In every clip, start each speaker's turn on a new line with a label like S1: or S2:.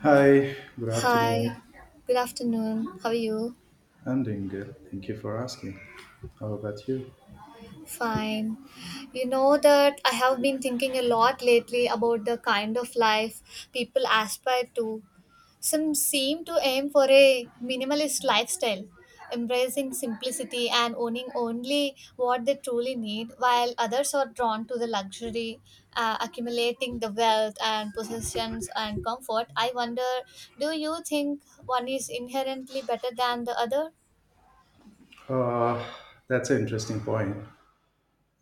S1: Hi, good
S2: Hi,
S1: afternoon.
S2: good afternoon. How are you?
S1: I'm doing good. Thank you for asking. How about you?
S2: Fine. You know that I have been thinking a lot lately about the kind of life people aspire to. Some seem to aim for a minimalist lifestyle, embracing simplicity and owning only what they truly need, while others are drawn to the luxury, accumulating the wealth and possessions and comfort. I wonder, do you think one is inherently better than the other?
S1: Uh, that's an interesting point.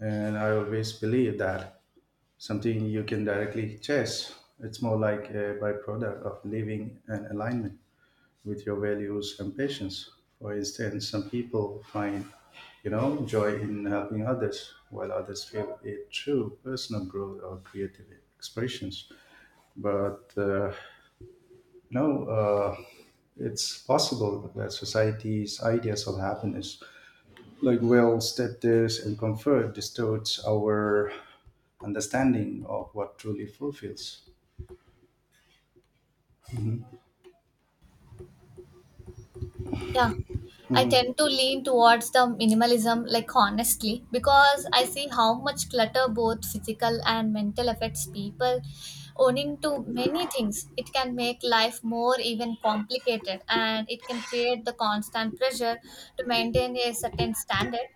S1: And I always believe that something you can directly chase. It's more like a byproduct of living an alignment with your values and passions. For instance, some people find, you know, joy in helping others, while others feel it through personal growth or creative expressions. But you know It's possible that society's ideas of happiness like wealth, status and comfort distorts our understanding of what truly fulfills.
S2: Yeah, I tend to lean towards the minimalism, like honestly, because I see how much clutter, both physical and mental, affects people. Owning to many things, it can make life more even complicated and it can create the constant pressure to maintain a certain standard.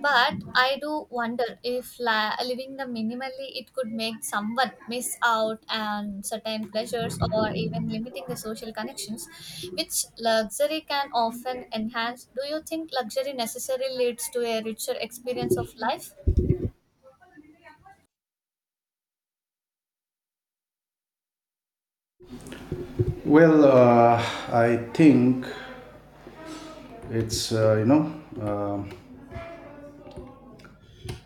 S2: But I do wonder if living the minimally it could make someone miss out on certain pleasures or even limiting the social connections, which luxury can often enhance. Do you think luxury necessarily leads to a richer experience of life?
S1: well uh, I think it's you know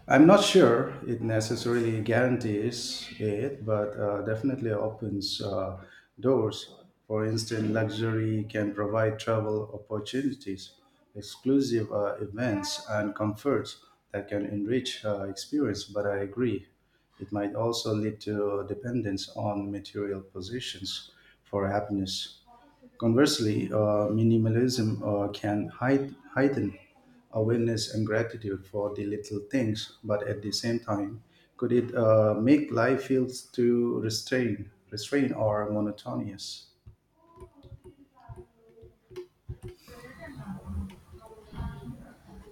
S1: I'm not sure it necessarily guarantees it, but definitely opens doors. For instance, luxury can provide travel opportunities, exclusive events, and comforts that can enrich experience. But I agree, it might also lead to dependence on material possessions for happiness. Conversely, minimalism can heighten awareness and gratitude for the little things, but at the same time, could it make life feel too restrained or monotonous?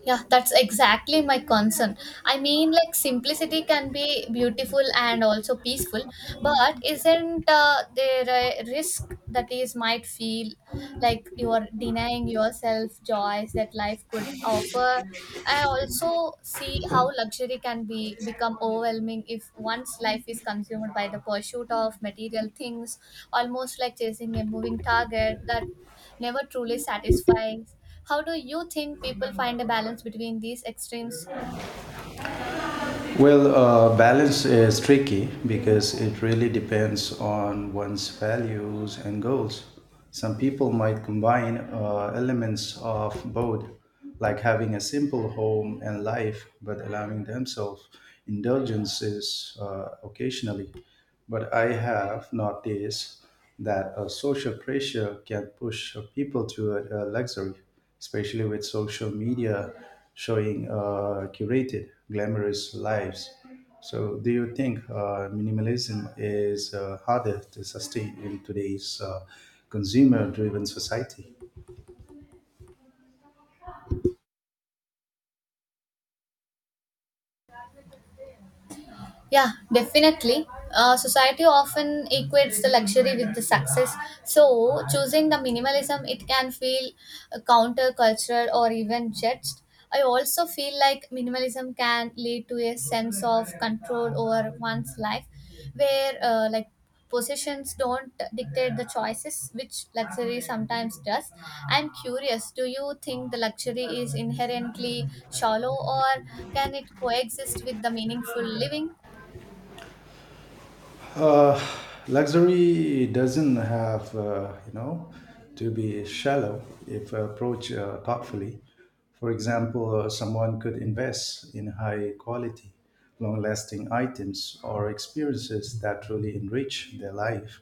S2: Yeah, that's exactly my concern. I mean, like simplicity can be beautiful and also peaceful, but isn't there a risk that is might feel like you are denying yourself joys that life could offer? I also see how luxury can be become overwhelming if one's life is consumed by the pursuit of material things, almost like chasing a moving target that never truly satisfies. How do you think people find a balance between these extremes?
S1: Well, balance is tricky because it really depends on one's values and goals. Some people might combine elements of both, like having a simple home and life, but allowing themselves indulgences occasionally. But I have noticed that social pressure can push people to luxury, especially with social media showing curated, glamorous lives. So, do you think minimalism is harder to sustain in today's consumer driven society?
S2: Yeah, definitely. Society often equates the luxury with the success. So choosing the minimalism, it can feel countercultural or even judged. I also feel like minimalism can lead to a sense of control over one's life, where like possessions don't dictate the choices, which luxury sometimes does. I'm curious, do you think the luxury is inherently shallow, or can it coexist with the meaningful living?
S1: Uh, Luxury doesn't have, to be shallow if approached thoughtfully. For example, someone could invest in high quality, long lasting items or experiences that truly enrich their life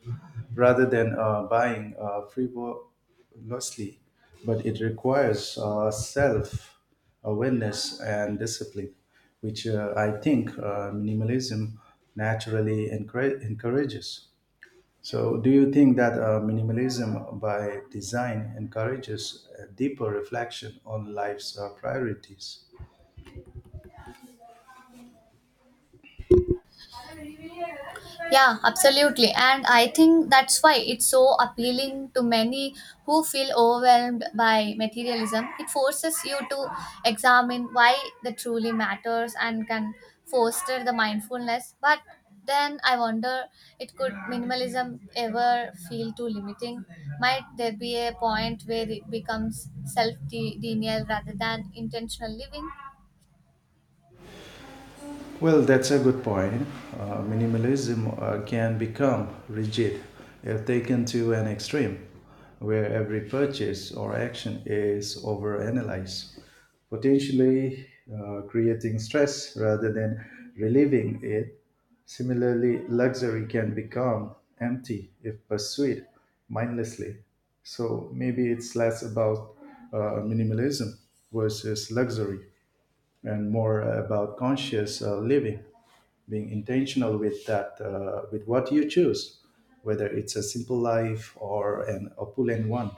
S1: rather than buying frivolously. But it requires self awareness and discipline, which I think minimalism naturally encourages. So, do you think that minimalism by design encourages a deeper reflection on life's priorities?
S2: Yeah, absolutely. And I think that's why it's so appealing to many who feel overwhelmed by materialism. It forces you to examine why that truly matters and can foster the mindfulness. But then I wonder, it could minimalism ever feel too limiting? Might there be a point where it becomes self denial rather than intentional living?
S1: Well, that's a good point. Minimalism can become rigid if taken to an extreme, where every purchase or action is overanalyzed, potentially creating stress rather than relieving it. Similarly, luxury can become empty if pursued mindlessly. So maybe it's less about minimalism versus luxury and more about conscious living, being intentional with that with what you choose, whether it's a simple life or an opulent one.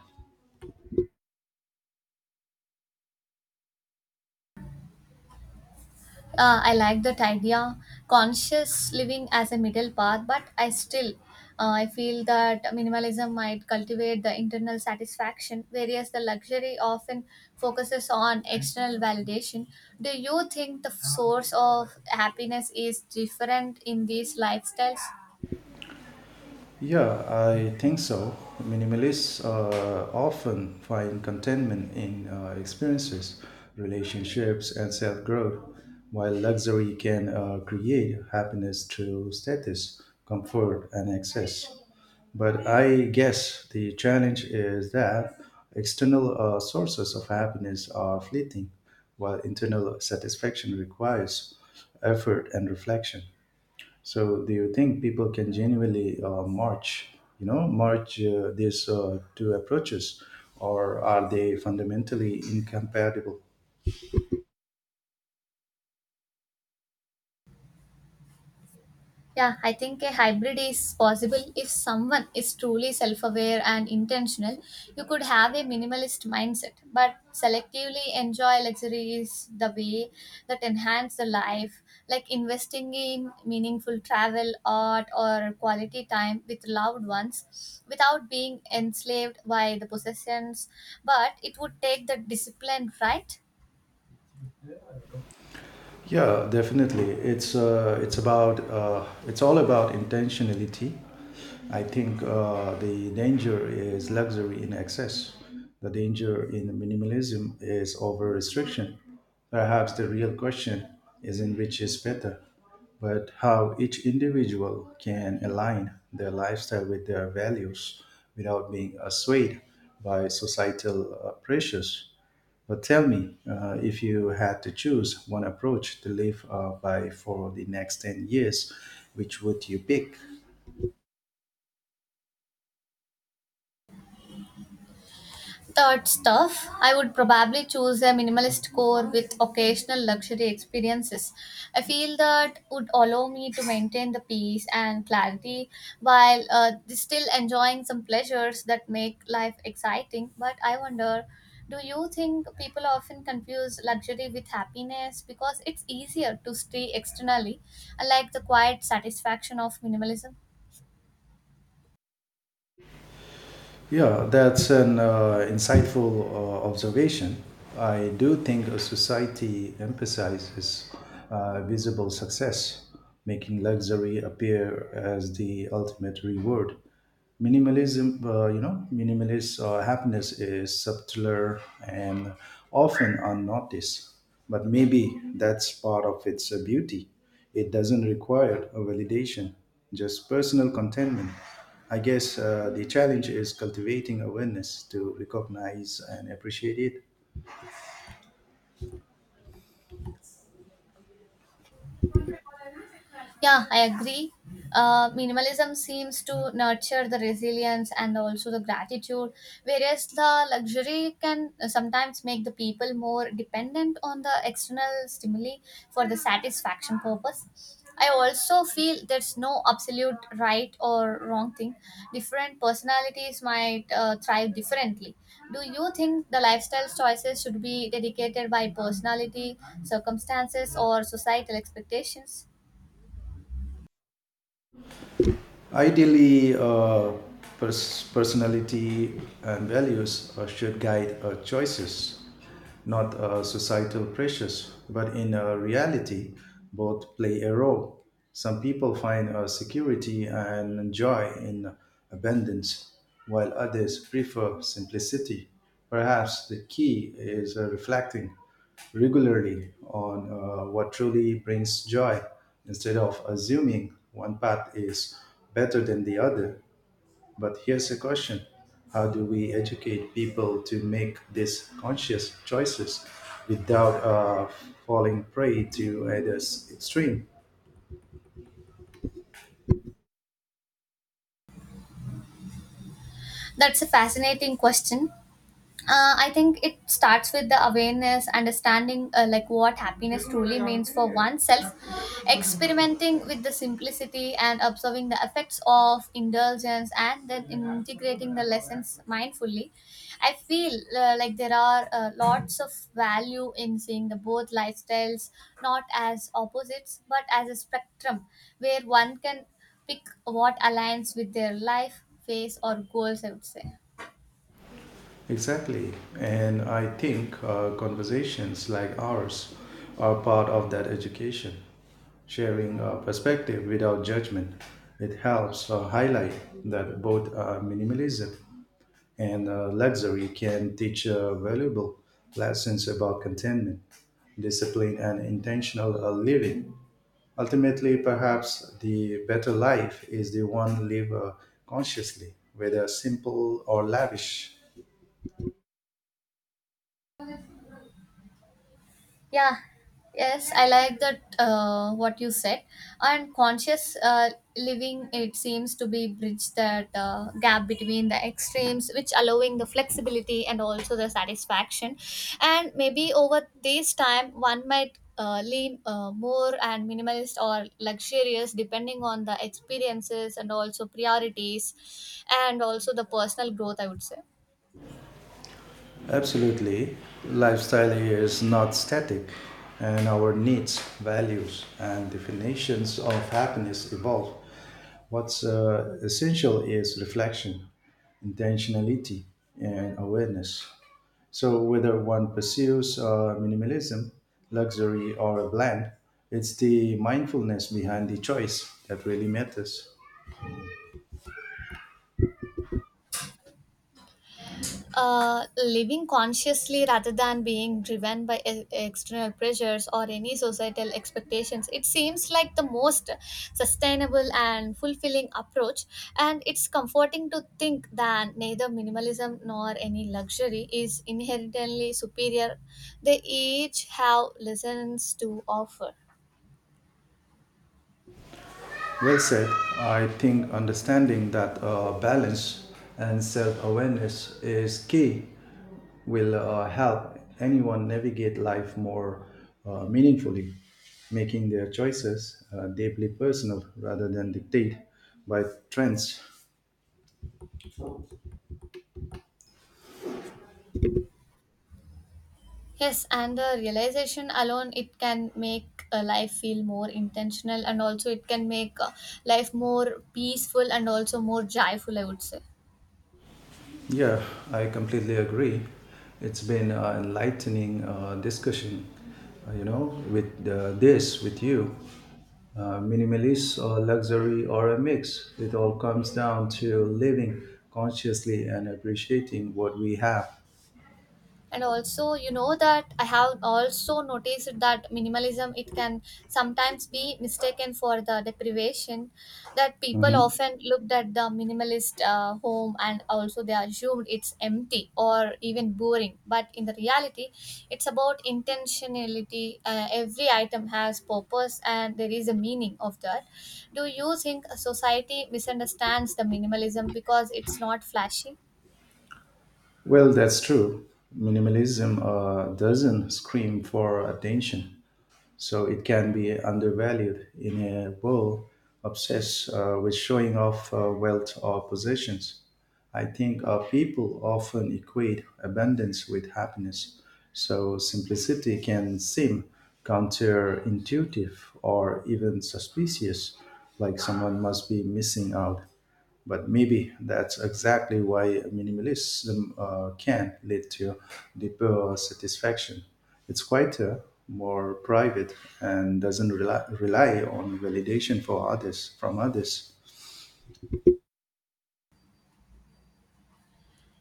S2: I like that idea, conscious living as a middle path, but I still I feel that minimalism might cultivate the internal satisfaction, whereas the luxury often focuses on external validation. Do you think the source of happiness is different in these lifestyles?
S1: Yeah, I think so. Minimalists often find contentment in experiences, relationships and self-growth, while luxury can create happiness through status, comfort and excess. But I guess the challenge is that external sources of happiness are fleeting, while internal satisfaction requires effort and reflection. So, do you think people can genuinely march these two approaches, or are they fundamentally incompatible?
S2: Yeah, I think a hybrid is possible if someone is truly self aware and intentional. You could have a minimalist mindset, but selectively enjoy luxuries the way that enhance the life, like investing in meaningful travel, art, or quality time with loved ones without being enslaved by the possessions. But it would take the discipline, right?
S1: Yeah, definitely. It's all about intentionality. I think the danger is luxury in excess. The danger in minimalism is over restriction. Perhaps the real question isn't which is better, but how each individual can align their lifestyle with their values without being swayed by societal pressures. But tell me, if you had to choose one approach to live by for the next 10 years, which would you pick?
S2: Third stuff, I would probably choose a minimalist core with occasional luxury experiences. I feel that would allow me to maintain the peace and clarity while still enjoying some pleasures that make life exciting. But I wonder, do you think people often confuse luxury with happiness because it's easier to stay externally, unlike the quiet satisfaction of minimalism?
S1: Yeah, that's an insightful observation. I do think a society emphasizes visible success, making luxury appear as the ultimate reward. Minimalism, minimalist happiness is subtler and often unnoticed, but maybe that's part of its beauty. It doesn't require a validation, just personal contentment. I guess the challenge is cultivating awareness to recognize and appreciate it.
S2: Yeah, I agree. Minimalism seems to nurture the resilience and also the gratitude, whereas the luxury can sometimes make the people more dependent on the external stimuli for the satisfaction purpose. I also feel there's no absolute right or wrong thing. Different personalities might thrive differently. Do you think the lifestyle choices should be dedicated by personality, circumstances, or societal expectations?
S1: Ideally, personality and values should guide our choices, not societal pressures. But in reality, both play a role. Some people find security and joy in abundance, while others prefer simplicity. Perhaps the key is reflecting regularly on what truly brings joy instead of assuming one path is better than the other. But here's a question: how do we educate people to make these conscious choices without falling prey to either extreme?
S2: That's a fascinating question. I think it starts with the awareness, understanding like what happiness truly means for oneself, experimenting with the simplicity and observing the effects of indulgence, and then integrating the lessons mindfully. I feel like there are lots of value in seeing the both lifestyles not as opposites but as a spectrum where one can pick what aligns with their life phase or goals, I would say.
S1: Exactly. And I think conversations like ours are part of that education. Sharing perspective without judgment. It helps highlight that both minimalism and luxury can teach valuable lessons about contentment, discipline, and intentional living. Ultimately, perhaps the better life is the one lived consciously, whether simple or lavish.
S2: Yeah, yes, I like that, what you said. And conscious living, it seems to be bridge that gap between the extremes, which allowing the flexibility and also the satisfaction. And maybe over this time, one might lean more and minimalist or luxurious depending on the experiences and also priorities and also the personal growth, I would say.
S1: Absolutely. Lifestyle is not static, and our needs, values, and definitions of happiness evolve. What's essential is reflection, intentionality, and awareness. So, whether one pursues minimalism, luxury, or a blend, it's the mindfulness behind the choice that really matters.
S2: Living consciously rather than being driven by external pressures or any societal expectations, it seems like the most sustainable and fulfilling approach. And it's comforting to think that neither minimalism nor any luxury is inherently superior, they each have lessons to offer.
S1: Well said. I think understanding that balance and self awareness is key will help anyone navigate life more meaningfully, making their choices deeply personal rather than dictated by trends.
S2: Yes, and the realization alone it can make a life feel more intentional, and also it can make life more peaceful and also more joyful, I would say.
S1: Yeah, I completely agree. It's been an enlightening discussion, with you. Minimalist or luxury or a mix, it all comes down to living consciously and appreciating what we have.
S2: And also, you know that I have also noticed that minimalism it can sometimes be mistaken for the deprivation, that people
S1: Mhm.
S2: often looked at the minimalist home and also they assumed it's empty or even boring, but in the reality it's about intentionality. Every item has purpose and there is a meaning of that. Do you think a society misunderstands the minimalism because it's not flashy?
S1: Well, that's true. Minimalism doesn't scream for attention. So it can be undervalued in a world obsessed with showing off wealth or possessions. I think people often equate abundance with happiness. So simplicity can seem counterintuitive or even suspicious, like someone must be missing out. But maybe that's exactly why minimalism can lead to deeper satisfaction. It's quieter, more private, and doesn't rely on validation for others from others.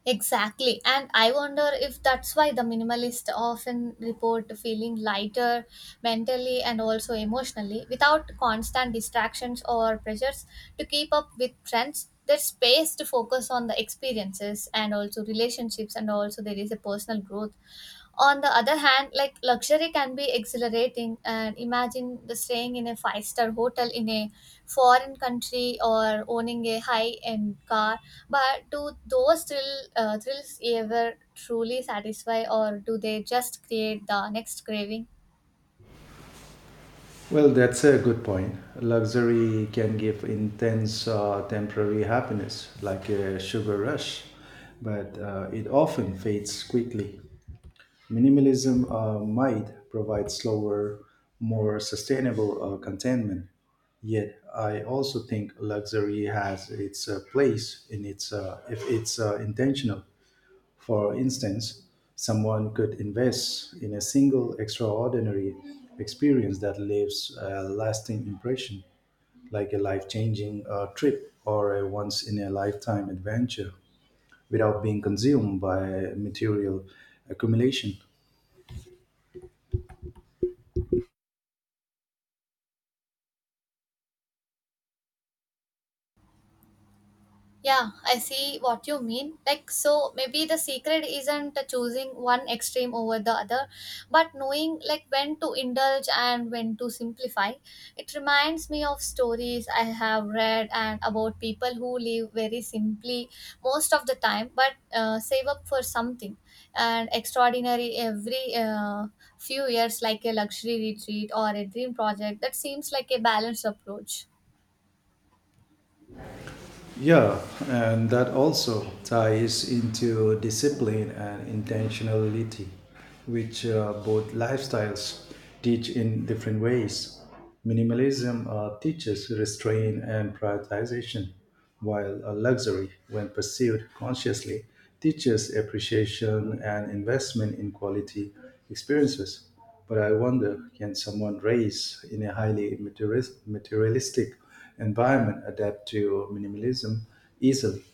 S2: Exactly. And I wonder if that's why the minimalist often report feeling lighter mentally and also emotionally without constant distractions or pressures to keep up with trends. There's space to focus on the experiences and also relationships, and also there is a personal growth. On the other hand, like luxury can be exhilarating, and imagine the staying in a five-star hotel in a foreign country or owning a high end car, but do those thrill, thrills ever truly satisfy, or do they just create the next craving?
S1: Well, that's a good point. Luxury can give intense temporary happiness, like a sugar rush, but it often fades quickly. Minimalism might provide slower, more sustainable containment. Yet, I also think luxury has its place in its if it's intentional. For instance, someone could invest in a single extraordinary experience that leaves a lasting impression, like a life-changing trip or a once-in-a-lifetime adventure, without being consumed by material accumulation.
S2: Yeah, I see what you mean. Like, so maybe the secret isn't choosing one extreme over the other, but knowing like when to indulge and when to simplify. It reminds me of stories I have read and about people who live very simply most of the time, but save up for something and extraordinary every few years, like a luxury retreat or a dream project. That seems like a balanced approach.
S1: Yeah, and that also ties into discipline and intentionality, which both lifestyles teach in different ways. Minimalism teaches restraint and prioritization, while luxury, when pursued consciously, teaches appreciation and investment in quality experiences. But I wonder, can someone raise in a highly materialistic environment adapt to minimalism easily,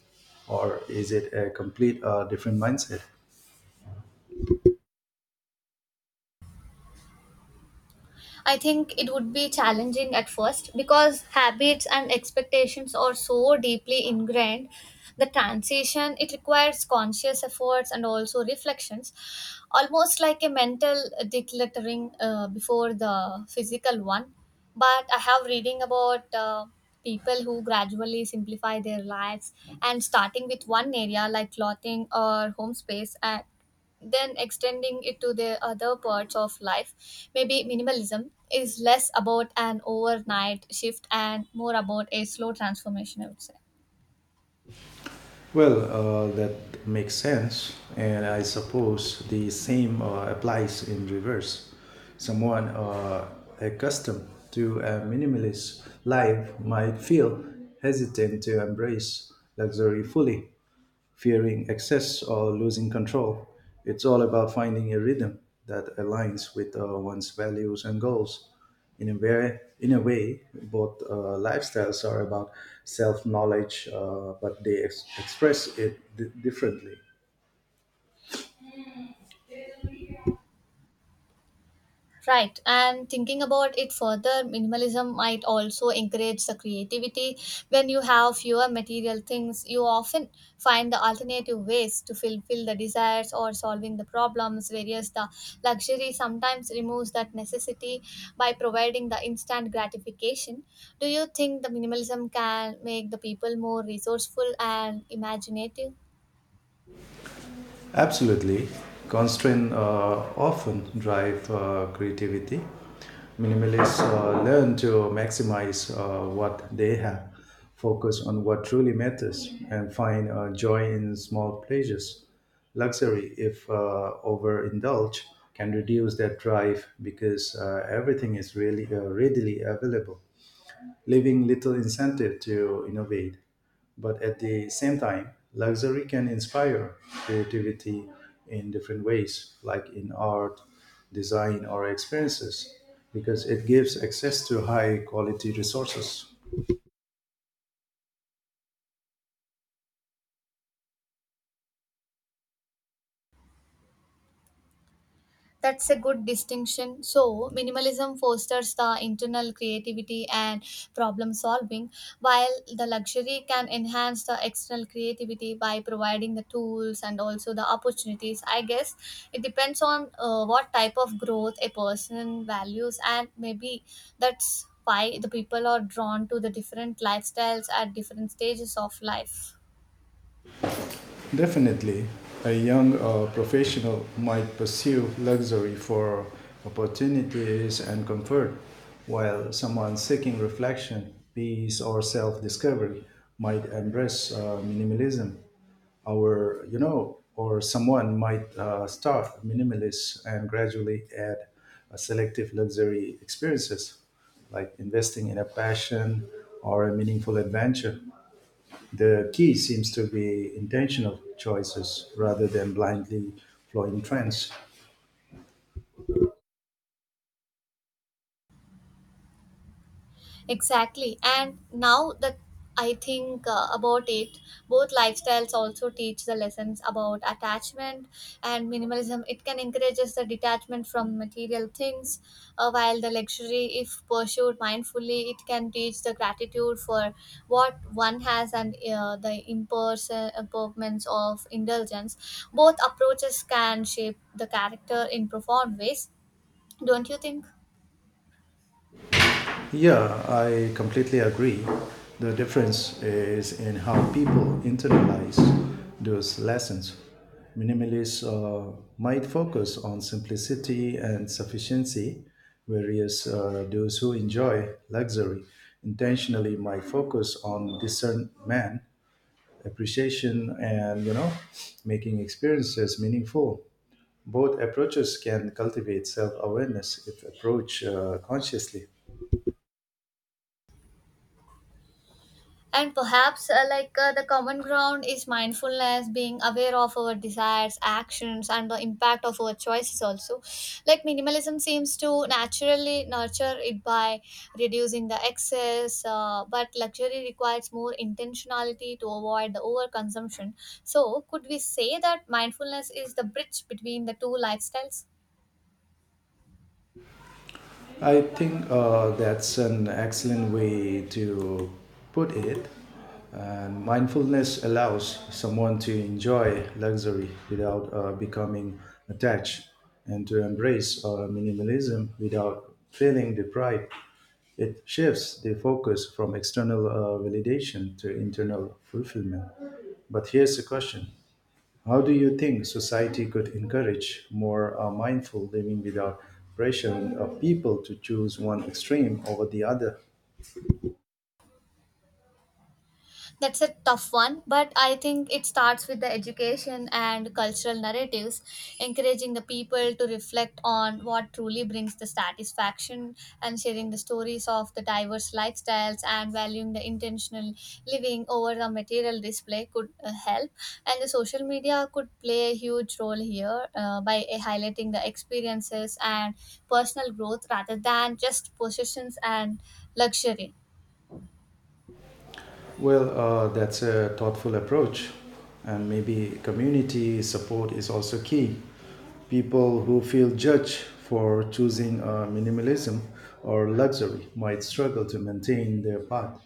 S1: or is it a complete different mindset?
S2: I think it would be challenging at first because habits and expectations are so deeply ingrained. The transition it requires conscious efforts and also reflections, almost like a mental decluttering before the physical one. But I have reading about people who gradually simplify their lives and starting with one area like clothing or home space. Then extending it to the other parts of life, maybe minimalism is less about an overnight shift and more about a slow transformation, I would say.
S1: Well, that makes sense, and I suppose the same applies in reverse. Someone accustomed to a minimalist life might feel hesitant to embrace luxury fully, fearing excess or losing control. It's all about finding a rhythm that aligns with one's values and goals. In a way, both lifestyles are about self knowledge, but they express it differently.
S2: Right, and thinking about it further, minimalism might also encourage the creativity. When you have fewer material things, you often find the alternative ways to fulfill the desires or solving the problems. Whereas the luxury sometimes removes that necessity by providing the instant gratification. Do you think the minimalism can make the people more resourceful and imaginative?
S1: Absolutely. Constraints often drive creativity. Minimalists learn to maximize what they have, focus on what truly matters, and find joy in small pleasures. Luxury, if overindulged, can reduce that drive because everything is really readily available, leaving little incentive to innovate. But at the same time, luxury can inspire creativity in different ways, like in art, design, or experiences, because it gives access to high quality resources.
S2: That's a good distinction. So, minimalism fosters the internal creativity and problem solving, while the luxury can enhance the external creativity by providing the tools and also the opportunities. I guess it depends on what type of growth a person values, and maybe that's why the people are drawn to the different lifestyles at different stages of life.
S1: Definitely, a young professional might pursue luxury for opportunities and comfort, while someone seeking reflection, peace, or self discovery might embrace minimalism. Our you know, or someone might start minimalist and gradually add selective luxury experiences, like investing in a passion or a meaningful adventure. The key seems to be intentional choices rather than blindly following trends.
S2: Exactly. And now that I think about it, both lifestyles also teach the lessons about attachment and minimalism. It can encourage the detachment from material things, while the luxury, if pursued mindfully, it can teach the gratitude for what one has and the impermanence of indulgence. Both approaches can shape the character in profound ways. Don't you think?
S1: Yeah, I completely agree. The difference is in how people internalize those lessons. Minimalists might focus on simplicity and sufficiency, whereas those who enjoy luxury intentionally might focus on discernment, appreciation, and you know, making experiences meaningful. Both approaches can cultivate self-awareness if approached consciously.
S2: And perhaps, like the common ground is mindfulness, being aware of our desires, actions, and the impact of our choices, also. Like minimalism seems to naturally nurture it by reducing the excess, but luxury requires more intentionality to avoid the overconsumption. So, could we say that mindfulness is the bridge between the two lifestyles?
S1: I think that's an excellent way to put it. And mindfulness allows someone to enjoy luxury without becoming attached and to embrace minimalism without feeling deprived. It shifts the focus from external validation to internal fulfillment. But here's the question: how do you think society could encourage more mindful living without pressuring people to choose one extreme over the other?
S2: That's a tough one, but I think it starts with the education and cultural narratives, encouraging the people to reflect on what truly brings the satisfaction and sharing the stories of the diverse lifestyles and valuing the intentional living over the material display could help. And the social media could play a huge role here by highlighting the experiences and personal growth rather than just possessions and luxury.
S1: Well, that's a thoughtful approach, and maybe community support is also key. People who feel judged for choosing minimalism or luxury might struggle to maintain their path,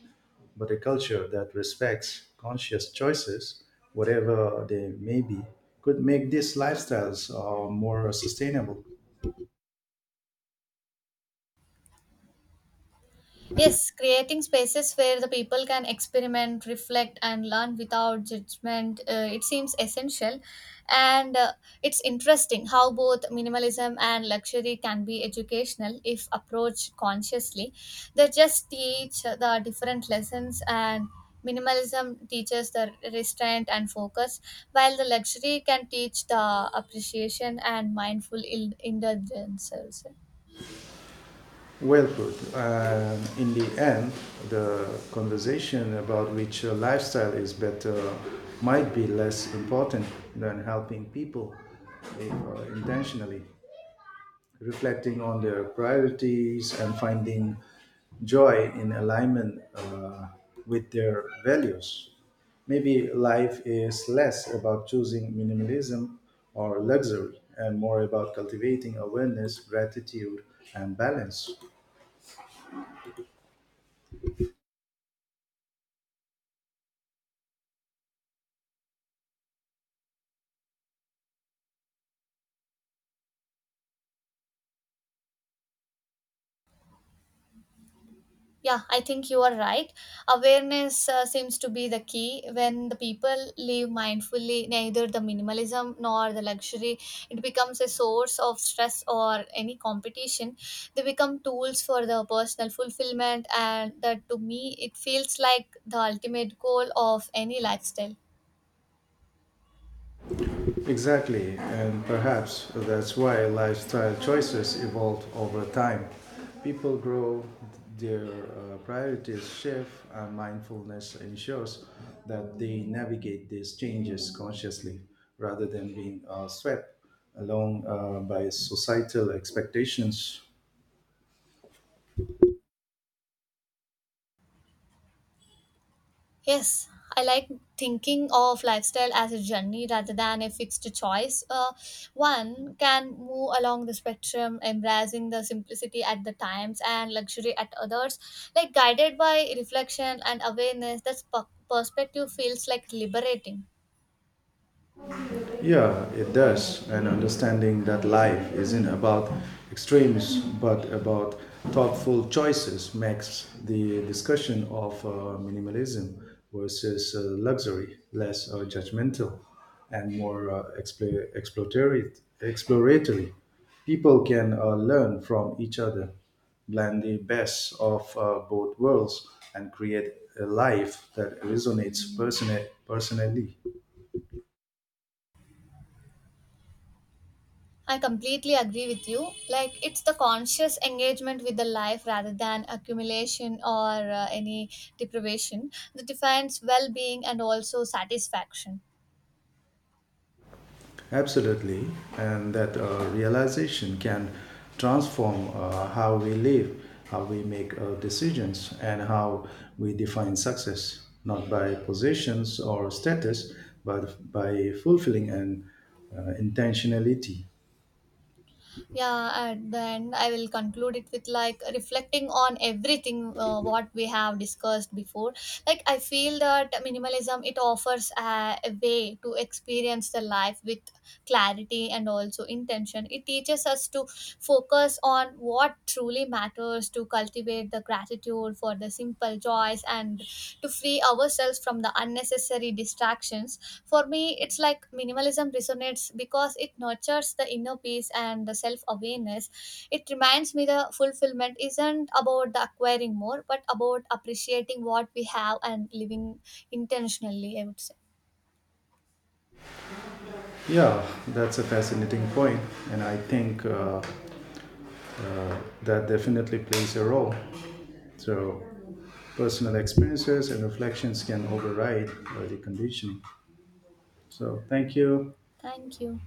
S1: but a culture that respects conscious choices, whatever they may be, could make these lifestyles more sustainable.
S2: Yes, creating spaces where the people can experiment, reflect, and learn without judgment, it seems essential. And it's interesting how both minimalism and luxury can be educational if approached consciously. They just teach the different lessons, and minimalism teaches the restraint and focus, while the luxury can teach the appreciation and mindful indulgence, also.
S1: Well put. In the end, the conversation about which lifestyle is better might be less important than helping people if, intentionally, reflecting on their priorities and finding joy in alignment with their values. Maybe life is less about choosing minimalism or luxury and more about cultivating awareness, gratitude, and balance.
S2: Yeah, I think you are right. Awareness seems to be the key. When the people live mindfully, neither the minimalism nor the luxury, it becomes a source of stress or any competition. They become tools for the personal fulfillment, and that to me, it feels like the ultimate goal of any lifestyle.
S1: Exactly, and perhaps that's why lifestyle choices evolve over time. People grow, their priorities shift, and mindfulness ensures that they navigate these changes consciously rather than being swept along by societal expectations.
S2: Yes, I like thinking of lifestyle as a journey rather than a fixed choice. One can move along the spectrum, embracing the simplicity at the times and luxury at others, like guided by reflection and awareness. That perspective feels like liberating.
S1: Yeah, it does. And understanding that life isn't about extremes but about thoughtful choices makes the discussion of minimalism versus luxury less judgmental and more exploratory, exploratory. People can learn from each other, blend the best of both worlds, and create a life that resonates personally.
S2: I completely agree with you. Like it's the conscious engagement with the life rather than accumulation or any deprivation that defines well-being and also satisfaction.
S1: Absolutely, and that realization can transform how we live, how we make decisions, and how we define success, not by possessions or status, but by fulfilling an intentionality.
S2: Yeah, and then I will conclude it with like reflecting on everything what we have discussed before. Like I feel that minimalism it offers a way to experience the life with clarity and also intention. It teaches us to focus on what truly matters, to cultivate the gratitude grateful for the simple joys and to free ourselves from the unnecessary distractions. For me, it's like minimalism resonates because it nurtures the inner peace and the self awareness. It reminds me the fulfillment isn't about the acquiring more, but about appreciating what we have and living intentionally, I would say.
S1: Yeah, that's a fascinating point, and I think that definitely plays a role. So, personal experiences and reflections can override the conditioning. So, thank you.
S2: Thank you.